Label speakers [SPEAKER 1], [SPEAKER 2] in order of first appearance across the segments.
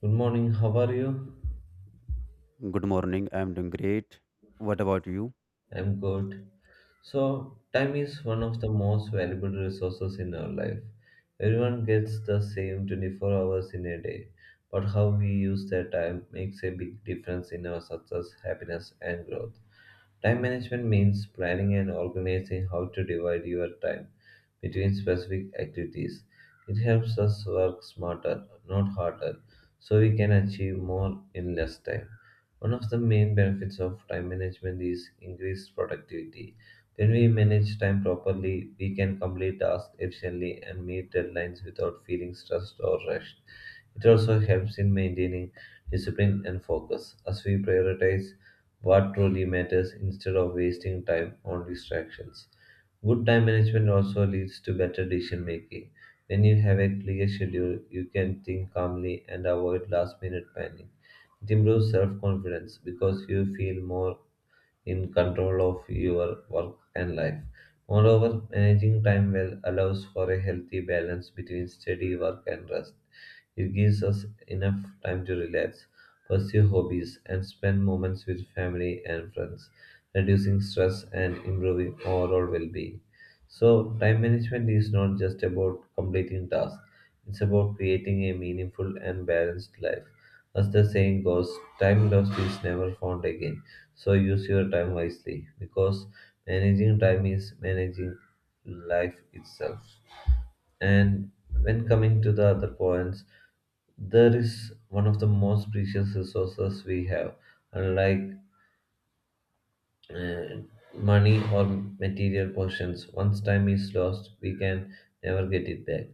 [SPEAKER 1] Good morning, how are you?
[SPEAKER 2] Good morning. I'm doing great. What about you?
[SPEAKER 1] I'm good. So, time is one of the most valuable resources in our life. Everyone gets the same 24 hours in a day, but how we use that time makes a big difference in our success, happiness, and growth. Time management means planning and organizing how to divide your time between specific activities. It helps us work smarter, not harder, so we can achieve more in less time. One of the main benefits of time management is increased productivity. When we manage time properly, we can complete tasks efficiently and meet deadlines without feeling stressed or rushed. It also helps in maintaining discipline and focus as we prioritize what truly matters instead of wasting time on distractions. Good time management also leads to better decision making. When you have a clear schedule, you can think calmly and avoid last minute panic. It improves self confidence because you feel more in control of your work and life. Moreover, managing time well allows for a healthy balance between study, work, and rest. It gives us enough time to relax, pursue hobbies, and spend moments with family and friends, reducing stress and improving overall well being. So, time management is not just about completing tasks, it's about creating a meaningful and balanced life. As the saying goes, time lost is never found again. So use your time wisely because managing time is managing life itself. And when coming to the other points, there is one of the most precious resources we have. Unlike uh, money or material possessions. Once time is lost, we can never get it back.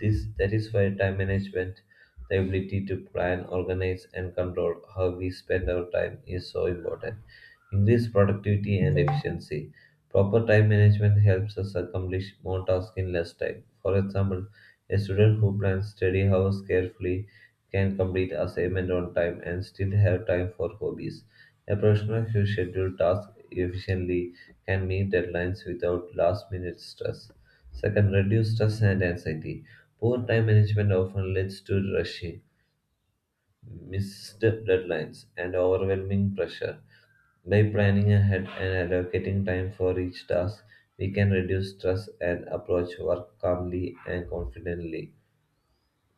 [SPEAKER 1] This that is why time management, the ability to plan, organize, and control how we spend our time is so important. Increase productivity and efficiency. Proper time management helps us accomplish more tasks in less time. For example, a student who plans study hours carefully can complete assignments on time and still have time for hobbies. A professional who schedules tasks efficiently can meet deadlines without last minute stress. Second, reduce stress and anxiety. Poor time management often leads to rushing, missed deadlines, and overwhelming pressure. By planning ahead and allocating time for each task, we can reduce stress and approach work calmly and confidently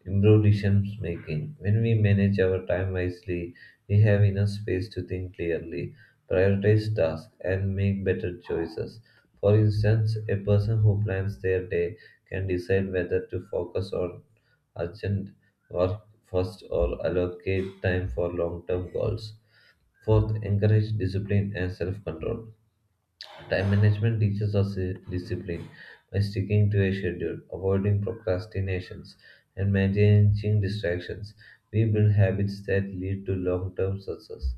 [SPEAKER 1] improve decision making. When we manage our time wisely, we have enough space to think clearly, prioritize tasks, and make better choices. For instance, a person who plans their day can decide whether to focus on urgent work first or allocate time for long term goals. Fourth, encourage discipline and self control. Time management teaches us discipline by sticking to a schedule, avoiding procrastinations, and managing distractions. We build habits that lead to long term success.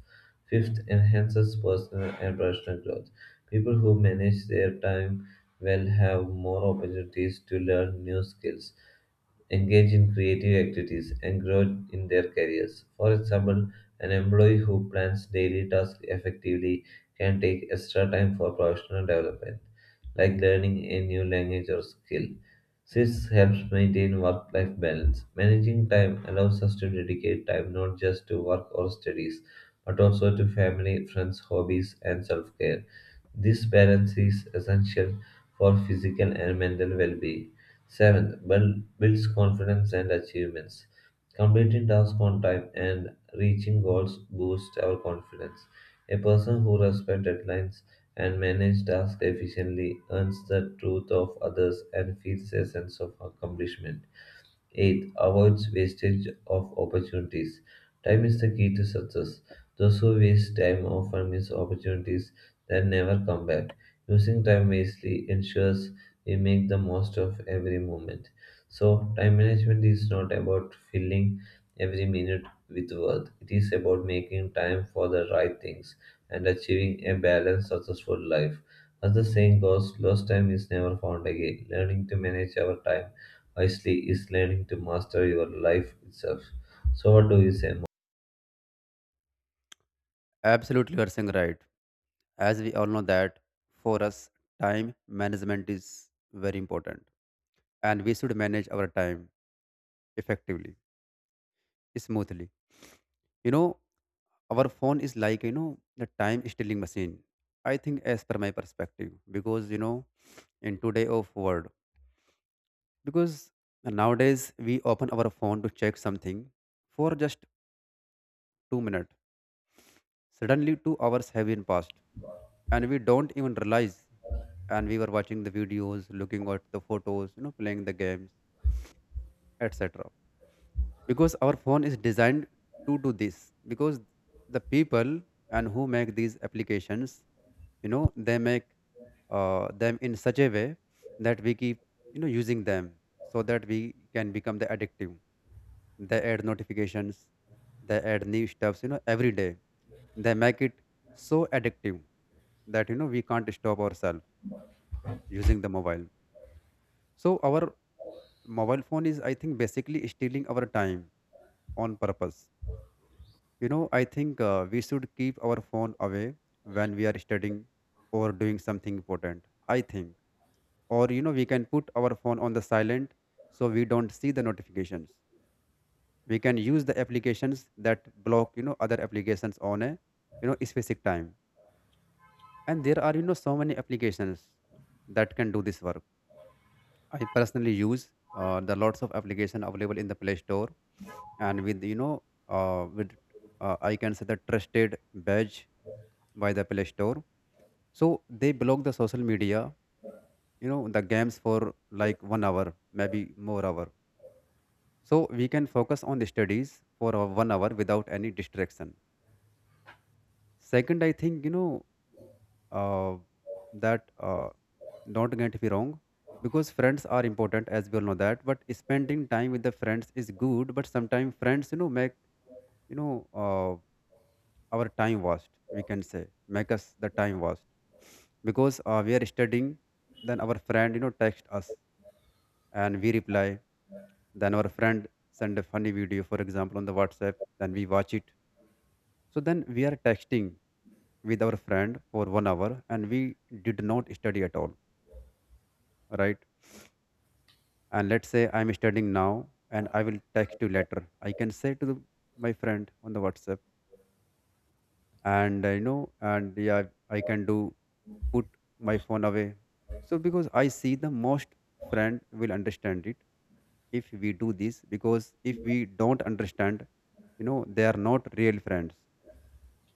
[SPEAKER 1] Fifth, enhances personal and professional growth. People who manage their time well have more opportunities to learn new skills engage in creative activities, and grow in their careers. For example, an employee who plans daily tasks effectively can take extra time for professional development, like learning a new language or skill. This helps maintain work life balance. Managing time allows us to dedicate time not just to work or studies, but also to family, friends, hobbies, and self care. This balance is essential for physical and mental well being. Seventh, builds confidence and achievements. Completing tasks on time and reaching goals boosts our confidence. A person who respects deadlines and manages tasks efficiently earns the truth of others and feels a sense of accomplishment. 8. Avoids wastage of opportunities. Time is the key to success. Those who waste time often miss opportunities that never come back. Using time wisely ensures we make the most of every moment. So, time management is not about filling every minute with work, it is about making time for the right things and achieving a balanced, successful life. As the saying goes, lost time is never found again. Learning to manage our time wisely is learning to master your life itself. So, what do you say?
[SPEAKER 2] Absolutely, you are saying right. As we all know that for us, time management is very important, and we should manage our time effectively, smoothly. You know, our phone is like the time stealing machine. I think, as per my perspective, because you know, in today of world, because nowadays we open our phone to check something for just 2 minutes. Suddenly, 2 hours have been passed, and we don't even realize. And we were watching the videos, looking at the photos, you know, playing the games, etc. Because our phone is designed to do this. Because the people and who make these applications, you know, they make them in such a way that we keep using them so that we can become the addictive. They add notifications, they add new stuffs you know every day, they make it so addictive that you know we can't stop ourselves using the mobile. So our mobile phone is I think basically stealing our time on purpose. You know, I think we should keep our phone away when we are studying or doing something important. I think, or you know we can put our phone on the silent so we don't see the notifications. We can use the applications that block you know other applications on a you know specific time. And there are you know so many applications that can do this work. I personally use the lots of application available in the play store, and with you know with I can say the trusted badge by the play store. So they block the social media you know the games for like 1 hour, maybe more hour, so we can focus on the studies for a 1 hour without any distraction. Second, I think you know uh, that don't get me wrong, because friends are important as we all know that, but spending time with the friends is good, but sometimes friends you know make you know uh, our time waste, we can say make us the time waste. Because we are studying, then our friend you know text us and we reply, then our friend send a funny video for example on the WhatsApp, then we watch it. So then we are texting with our friend for 1 hour and we did not study at all, right? And let's say I'm studying now and I will text you later. I can say to my friend on the WhatsApp and you know, and yeah, I can do put my phone away. So because I see the most friend will understand it if we do this, because if we don't understand, you know, they are not real friends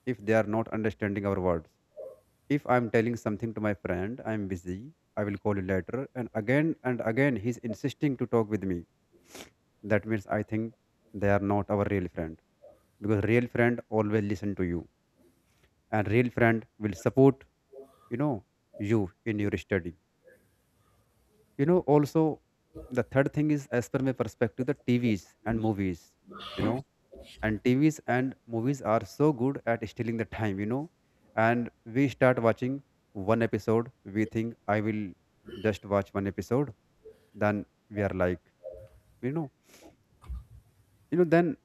[SPEAKER 2] if they are not understanding our words. If I'm telling something to my friend, I'm busy, I will call you later. And again, he's insisting to talk with me. That means I think they are not our real friend, because real friend always listen to you, and real friend will support you know you in your study, you know, also. The third thing is as per my perspective, the T V's and movies, you know, and TVs and movies are so good at stealing the time, you know. And we start watching one episode, we think I will just watch one episode, then we are like, you know, then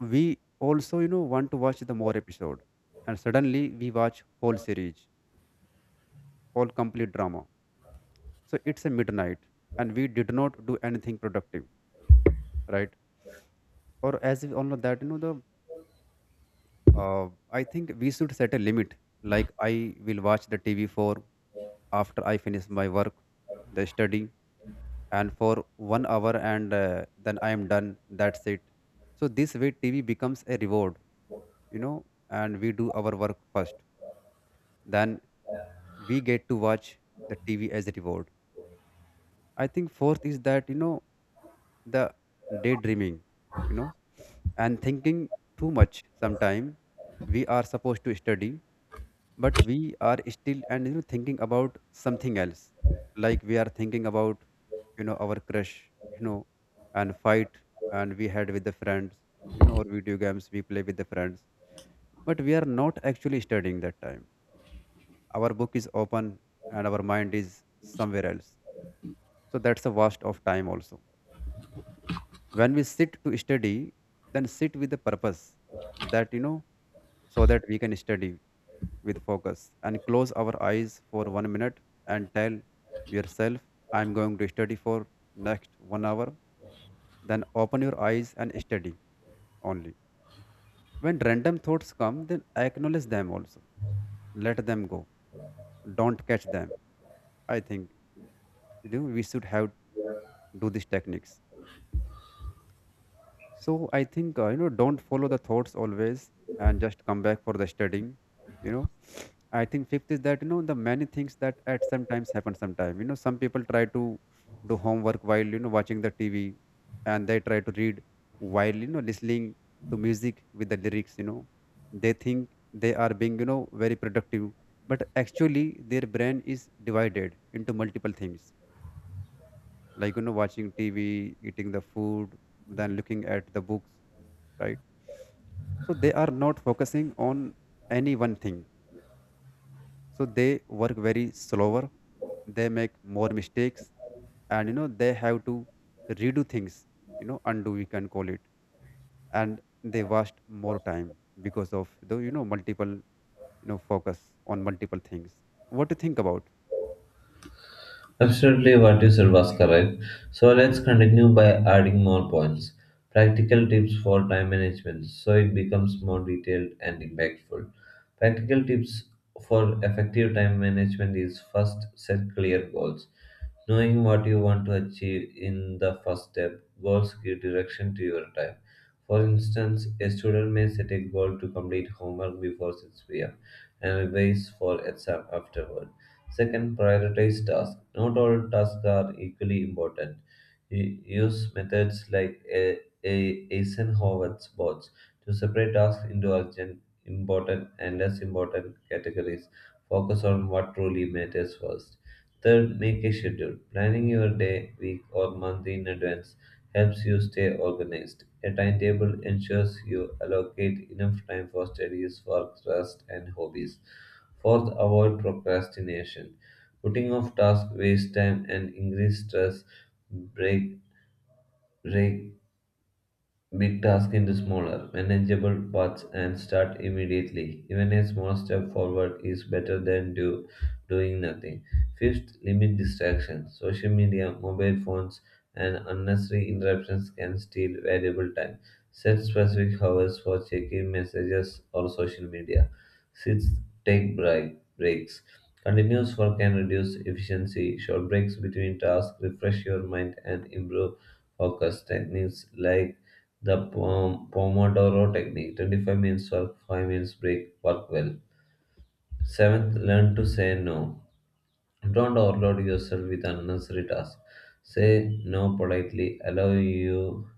[SPEAKER 2] we also, you know, want to watch the more episode. And suddenly we watch whole series, whole complete drama. So it's a midnight and we did not do anything productive, right? Or as we all know that, you know, the I think we should set a limit. Like I will watch the TV for after I finish my work, the study, and for 1 hour, and then I am done. That's it. So this way, TV becomes a reward, you know, and we do our work first. Then we get to watch the TV as a reward. I think fourth is that, you know, the daydreaming, you know, and thinking too much sometime. We are supposed to study, but we are still and you know thinking about something else, like we are thinking about you know our crush, you know, and fight and we had with the friends, you know, or video games we play with the friends, but we are not actually studying that time. Our book is open and our mind is somewhere else, so that's a waste of time also. When we sit to study, then sit with the purpose that you know so that we can study with focus, and close our eyes for 1 minute and tell yourself, I'm going to study for next 1 hour. Then open your eyes and study only. When random thoughts come, then acknowledge them also. Let them go. Don't catch them. I think you know, we should have do these techniques. So I think you know, don't follow the thoughts always, and just come back for the studying. You know, I think fifth is that you know the many things that at some times happen. Sometime you know, some people try to do homework while you know watching the TV, and they try to read while you know listening to music with the lyrics. You know, they think they are being you know very productive, but actually their brain is divided into multiple things, like you know watching TV, eating the food, then looking at the books, right? So they are not focusing on any one thing, so they work very slower, they make more mistakes, and you know they have to redo things, you know, undo we can call it. And they waste more time because of the you know multiple focus on multiple things. What do you think about?
[SPEAKER 1] Absolutely, what you said was correct. So let's continue by adding more points. Practical tips for time management so it becomes more detailed and impactful. Practical tips for effective time management is first set clear goals. Knowing what you want to achieve in the first step, goals give direction to your time. For instance, a student may set a goal to complete homework before 6 p.m. and revise for exam afterward. Second, prioritize tasks. Not all tasks are equally important. Use methods like Eisenhower's bots to separate tasks into urgent, important, and less important categories. Focus on what truly matters first. Third, make a schedule. Planning your day, week, or month in advance helps you stay organized. A timetable ensures you allocate enough time for studies, work, rest, and hobbies. Fourth, avoid procrastination. Putting off tasks wastes time and increases stress. Break, break big task into smaller, manageable parts and start immediately. Even a small step forward is better than doing nothing. Fifth, limit distractions. Social media, mobile phones, and unnecessary interruptions can steal valuable time. Set specific hours for checking messages or social media. Sixth, take breaks. Continuous work can reduce efficiency. Short breaks between tasks refresh your mind and improve focus techniques like the Pomodoro technique 25 minutes work, 5 minutes break, work well. Seventh, learn to say no. Don't overload yourself with unnecessary tasks. Say no politely, allow you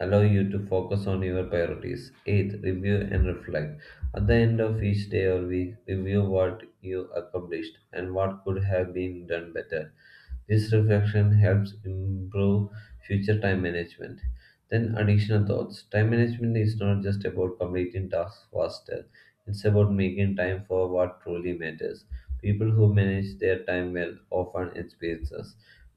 [SPEAKER 1] allow you to focus on your priorities. Eighth, review and reflect. At the end of each day or week, review what you accomplished and what could have been done better. This reflection helps improve future time management. Then, additional thoughts. Time management is not just about completing tasks faster, it's about making time for what truly matters. People who manage their time well often experience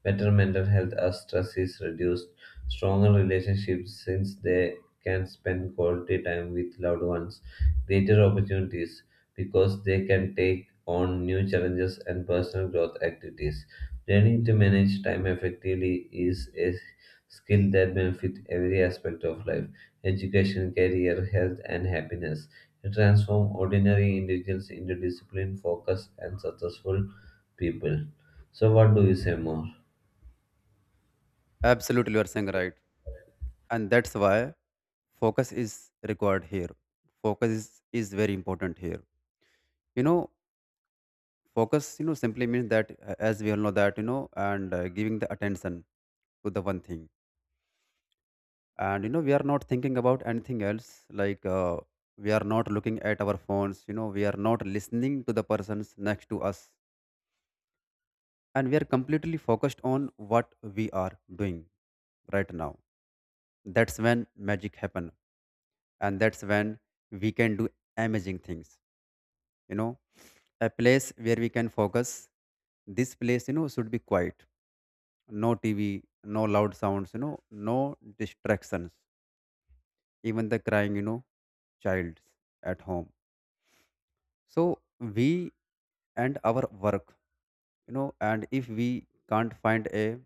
[SPEAKER 1] better mental health as stress is reduced stronger relationships since they can spend quality time with loved ones, greater opportunities because they can take on new challenges and personal growth activities. Learning to manage time effectively is a skill that benefits every aspect of life education, career, health, and happiness. It transforms ordinary individuals into disciplined, focused, and successful people. So, what do you say more?
[SPEAKER 2] Absolutely, you are saying right. And that's why focus is required here. Focus is very important here. You know, focus you know simply means that as we all know that you know, and giving the attention to the one thing, and you know we are not thinking about anything else, like we are not looking at our phones, you know we are not listening to the persons next to us, and we are completely focused on what we are doing right now. That's when magic happen, and that's when we can do amazing things, you know. A place where we can focus, this place you know should be quiet, no TV, no loud sounds, you know, no distractions, even the crying, you know, child at home. So we and our work, you know, and if we can't find a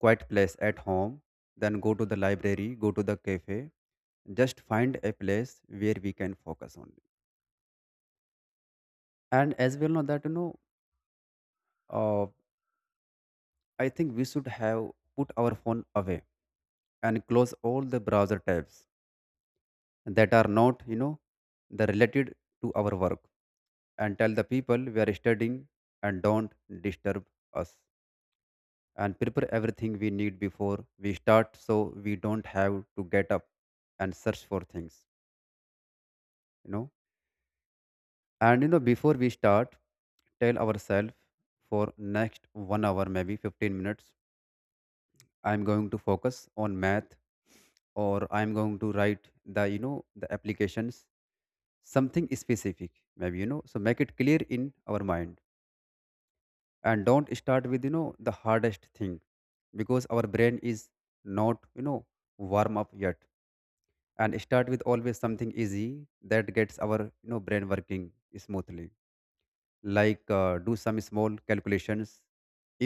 [SPEAKER 2] quiet place at home, then go to the library, go to the cafe, just find a place where we can focus on. And as well know that, you know, uh, I think we should have put our phone away and close all the browser tabs that are not you know the related to our work, and tell the people we are studying and don't disturb us, and prepare everything we need before we start so we don't have to get up and search for things, you know. And you know before we start, tell ourselves for next 1 hour maybe 15 minutes I'm going to focus on math, or I'm going to write the you know the applications, something specific maybe, you know, so make it clear in our mind. And don't start with you know the hardest thing, because our brain is not you know warm up yet. And start with always something easy that gets our you know brain working smoothly, like do some small calculations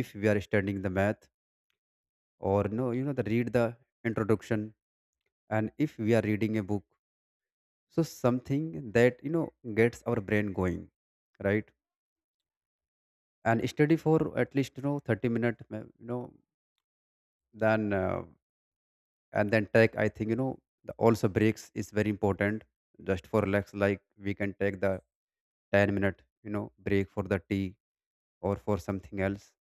[SPEAKER 2] if we are studying the math, or you know the read the introduction and if we are reading a book. So something that you know gets our brain going, right? And study for at least you know 30 minutes, you know, then and then take I think you know the also breaks is very important, just for relax. Like we can take the 10 minute you know break for the tea or for something else,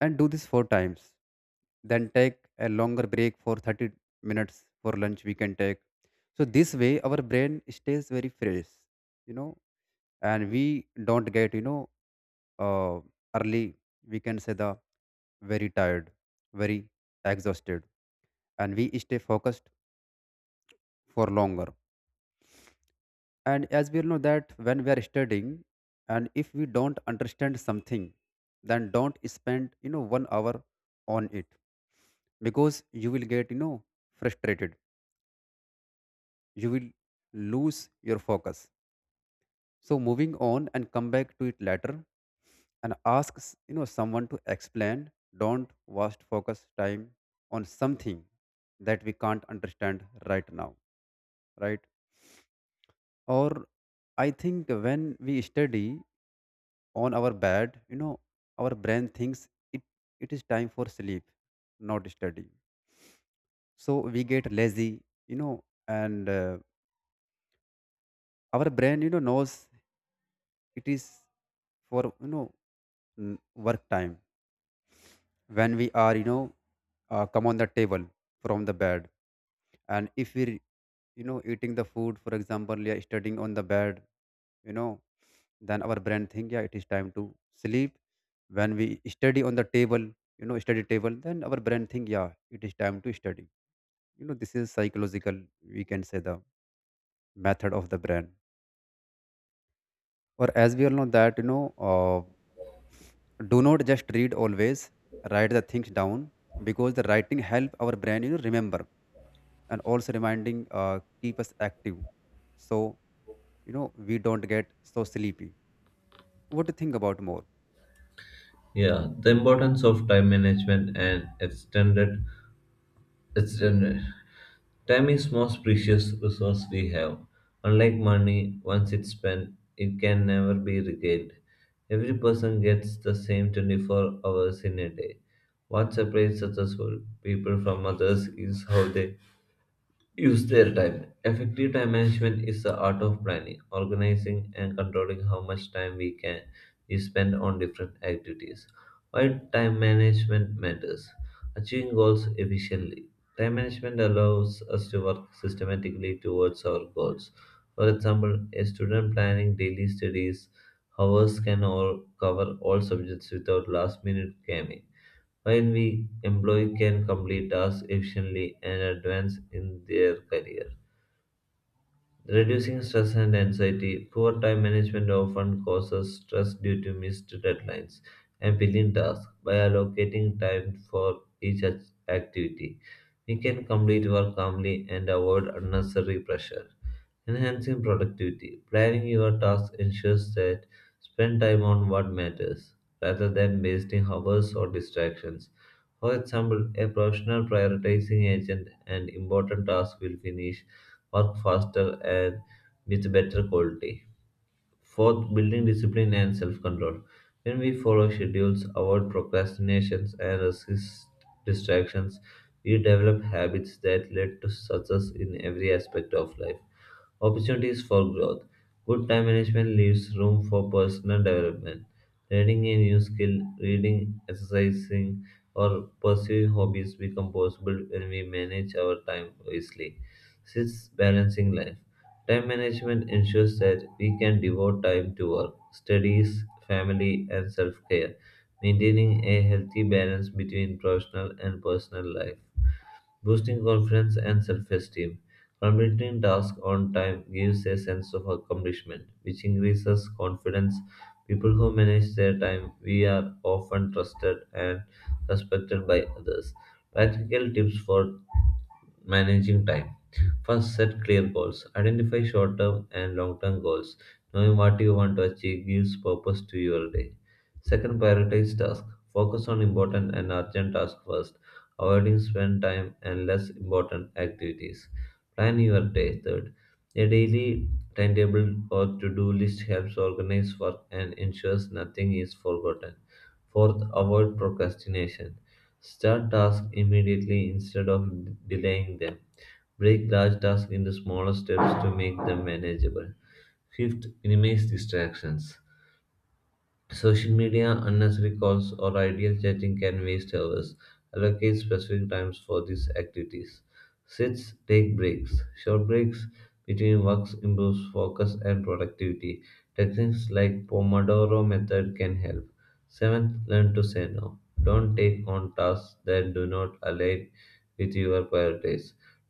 [SPEAKER 2] and do this four times, then take a longer break for 30 minutes for lunch we can take. So this way our brain stays very fresh, you know, and we don't get you know uh, early we can say the very tired, very exhausted, and we stay focused for longer. And as we all know that when we are studying and if we don't understand something, then don't spend you know 1 hour on it, because you will get you know frustrated, you will lose your focus. So moving on, and come back to it later, and ask you know someone to explain. Don't waste focus time on something that we can't understand right now, right? Or I think when we study on our bed, you know, our brain thinks it it is time for sleep, not study, so we get lazy, you know. And our brain, you know, knows it is for, you know, n- work time. When we are, you know, come on the table from the bed. And if we, you know, eating the food, for example, yeah, studying on the bed, you know, then our brain think, yeah, it is time to sleep. When we study on the table, you know, study table, then our brain think, yeah, it is time to study. You know, this is psychological, we can say, the method of the brain. Or as we all know that, you know, uh, do not just read always, write the things down, because the writing help our brain, you know, remember. And also reminding, keep us active. So, you know, we don't get so sleepy. What to think about more?
[SPEAKER 1] Yeah, the importance of time management and extended time is most precious resource we have. Unlike money, once it's spent, it can never be regained. Every person gets the same 24 hours in a day. What separates successful people from others is how they use their time. Effective time management is the art of planning, organizing, and controlling how much time we spend on different activities. Why time management matters? Achieving goals efficiently. Time management allows us to work systematically towards our goals. For example, a student planning daily studies hours can all cover all subjects without last minute cramming while we employee can complete tasks efficiently and advance in their career. Reducing stress and anxiety, poor time management often causes stress due to missed deadlines and pending tasks. By allocating time for each activity, we can complete work calmly and avoid unnecessary pressure. Enhancing productivity, planning your tasks ensures that spend time on what matters rather than wasting hours or distractions. For example, a professional prioritizing agent and important tasks will finish work faster and with better quality. Fourth, building discipline and self control. When we follow schedules, avoid procrastinations, and resist distractions, we develop habits that lead to success in every aspect of life. Opportunities for growth. Good time management leaves room for personal development. Learning a new skill, reading, exercising, or pursuing hobbies become possible when we manage our time wisely. Sixth, balancing life. Time management ensures that we can devote time to work, studies, family, and self care, maintaining a healthy balance between professional and personal life boosting confidence and self esteem. Completing tasks on time gives a sense of accomplishment, which increases confidence. People who manage their time we are often trusted and respected by others. Practical tips for managing time. First, set clear goals. Identify short term and long term goals. Knowing what you want to achieve gives purpose to your day. Second, prioritize tasks. Focus on important and urgent tasks first avoiding spend time and less important activities. Plan your day. Third, a daily timetable or to-do list helps organize work and ensures nothing is forgotten. Fourth, avoid procrastination. Start tasks immediately instead of delaying them. Break large tasks into smaller steps to make them manageable. Fifth, minimize distractions. Social media, unnecessary calls, or ideal chatting can waste hours. Allocate specific times for these activities. Sits, take breaks. Short breaks between works improves focus and productivity. Techniques like Pomodoro method can help. Seventh, learn to say no. Don't take on tasks that do not align with your priorities.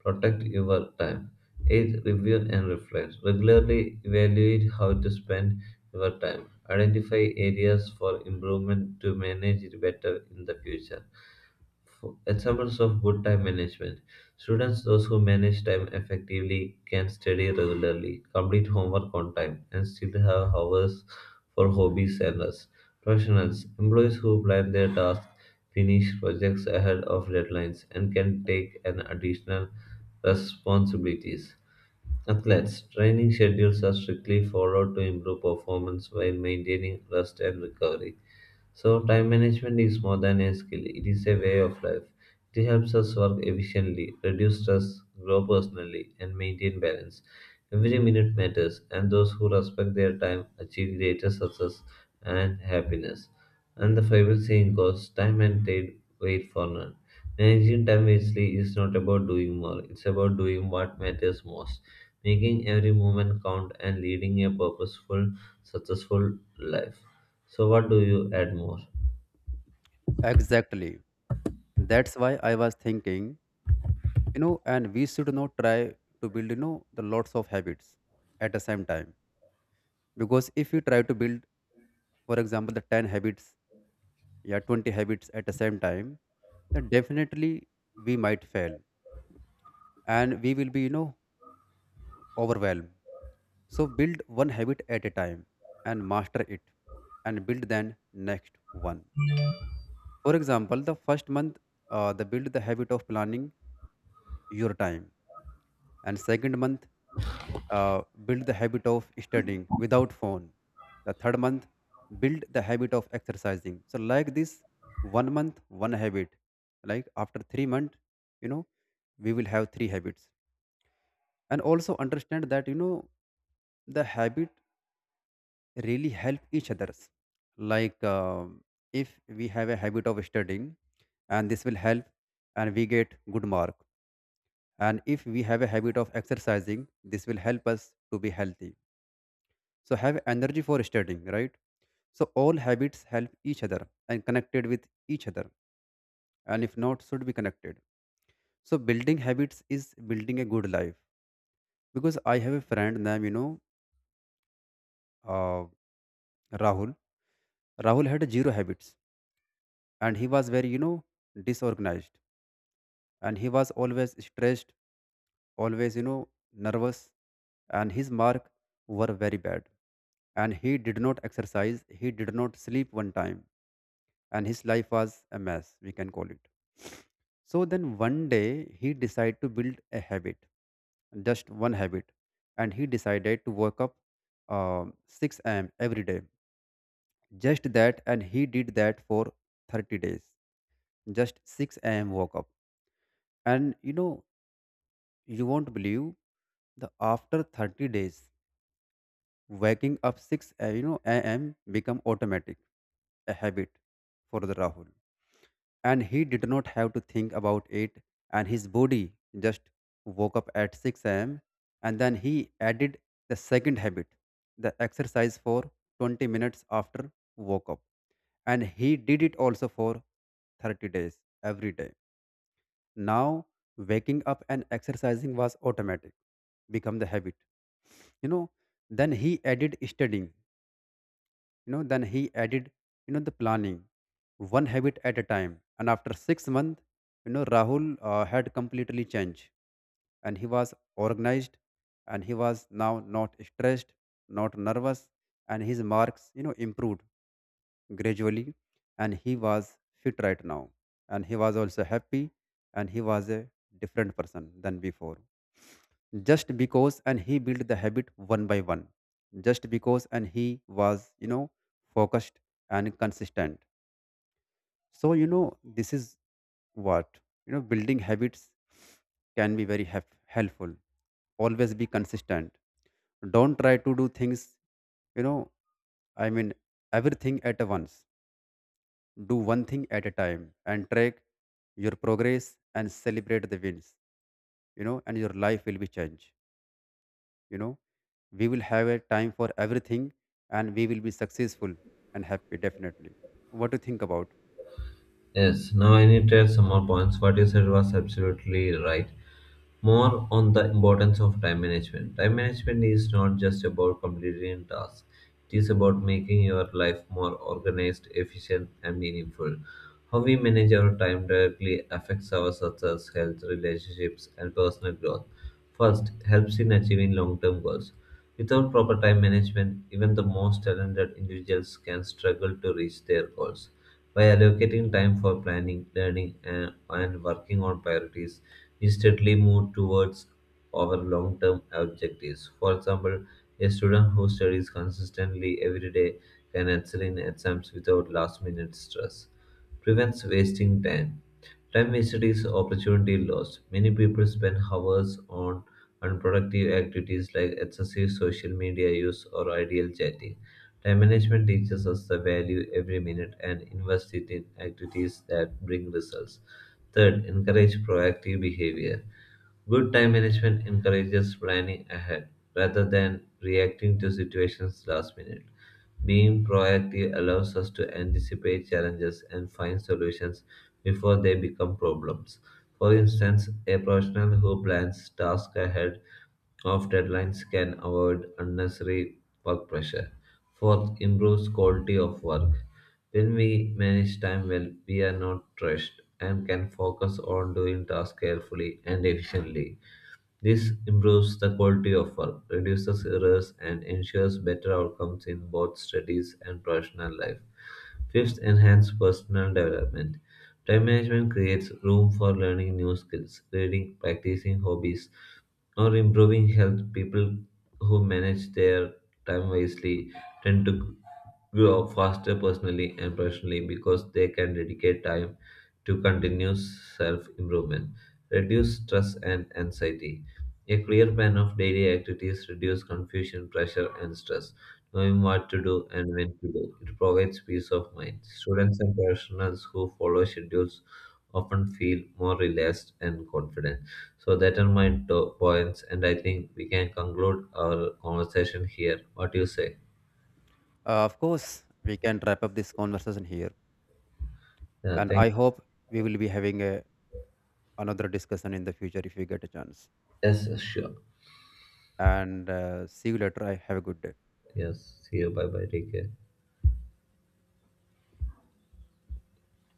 [SPEAKER 1] Protect your time. 8. Review and reflect. Regularly evaluate how to spend your time. Identify areas for improvement to manage it better in the future. For examples of good time management. Students, those who manage time effectively, can study regularly, complete homework on time, and still have hours for hobbies and rest. Professionals, employees who plan their tasks, finish projects ahead of deadlines, and can take an additional responsibilities. Athletes' training schedules are strictly followed to improve performance while maintaining rest and recovery. So, time management is more than a skill, it is a way of life. It helps us work efficiently, reduce stress, grow personally, and maintain balance. Every minute matters, and those who respect their time achieve greater success and happiness. And the favorite saying goes, time and tide wait for none. Managing time wisely is not about doing more, it's about doing what matters most, making every moment count and leading a purposeful, successful life. So, what do you add more?
[SPEAKER 2] Exactly. That's why I was thinking, you know, and we should not try to build, you know, the lots of habits at the same time. Because if you try to build, for example, the 10 habits, yeah, 20 habits at the same time, then definitely we might fail and we will be, you know, overwhelmed. So build one habit at a time and master it and build then next one. For example, the first month, the build the habit of planning your time, and second month, build the habit of studying without phone, the third month build the habit of exercising. So like this, one month one habit, like after 3 months, you know, we will have three habits. And also understand that, you know, the habit really help each others, like if we have a habit of studying, and this will help, and we get good mark. And if we have a habit of exercising, this will help us to be healthy, so have energy for studying, right? So all habits help each other and connected with each other, and if not should be connected. So building habits is building a good life. Because I have a friend named, you know, uh, Rahul. Rahul had zero habits, and he was very, you know, disorganized, and he was always stressed, always, you know, nervous, and his mark were very bad. And he did not exercise, he did not sleep one time, and his life was a mess, we can call it. So then one day he decided to build a habit, just one habit, and he decided to wake up 6 a.m. every day. Just that, and he did that for 30 days. Just 6 a.m. woke up. And you know, you won't believe, the after 30 days waking up 6 you know a.m. become automatic, a habit for the Rahul, and he did not have to think about it. And his body just woke up at 6 a.m. And then he added the second habit, the exercise for 20 minutes after woke up, and he did it also for 30 days every day. Now waking up and exercising was automatic, become the habit, you know. Then he added studying, you know, then he added, you know, the planning, one habit at a time. And after 6 months, you know, Rahul had completely changed, and he was organized, and he was now not stressed, not nervous, and his marks, you know, improved gradually, and he was fit right now, and he was also happy, and he was a different person than before, just because and he built the habit one by one, just because and he was, you know, focused and consistent. So, you know, this is what, you know, building habits can be very helpful. Always be consistent, don't try to do things, you know, I mean, everything at once. Do one thing at a time and track your progress and celebrate the wins, you know, and your life will be changed, you know. We will have a time for everything, and we will be successful and happy definitely. What do you think about?
[SPEAKER 1] Yes, now I need to add some more points. What you said was absolutely right. More on the importance of time management. Time management is not just about completing tasks, it is about making your life more organized, efficient, and meaningful. How we manage our time directly affects our success, health, relationships, and personal growth. First, helps in achieving long term goals. Without proper time management, even the most talented individuals can struggle to reach their goals. By allocating time for planning, learning, and working on priorities, we steadily move towards our long term objectives. For example, a student who studies consistently every day can excel in exams without last minute stress. Prevents wasting time. Time wasted is opportunity lost. Many people spend hours on unproductive activities like excessive social media use or ideal chatting. Time management teaches us the value every minute and invest it in activities that bring results. Third, encourage proactive behavior. Good time management encourages planning ahead rather than reacting to situations last minute. Being proactive allows us to anticipate challenges and find solutions before they become problems. For instance, a professional who plans tasks ahead of deadlines can avoid unnecessary work pressure. Fourth, improves quality of work. When we manage time well, we are not rushed and can focus on doing tasks carefully and efficiently. This improves the quality of work, reduces errors, and ensures better outcomes in both studies and professional life. Fifth, enhance personal development. Time management creates room for learning new skills, reading, practicing hobbies, or improving health. People who manage their time wisely tend to grow faster personally and professionally because they can dedicate time to continuous self improvement, reduce stress and anxiety. A clear plan of daily activities reduces confusion, pressure, and stress. Knowing what to do and when to do, it provides peace of mind. Students and professionals who follow schedules often feel more relaxed and confident. So that are my top points, and I think we can conclude our conversation here. What do you say?
[SPEAKER 2] Of course we can wrap up this conversation here,
[SPEAKER 1] Yeah,
[SPEAKER 2] and I
[SPEAKER 1] thank.
[SPEAKER 2] hope we will be having a, another discussion in the future if we get a chance.
[SPEAKER 1] Yes, sure.
[SPEAKER 2] And see you later, I have a good day.
[SPEAKER 1] Yes. See you. Bye bye. Take care.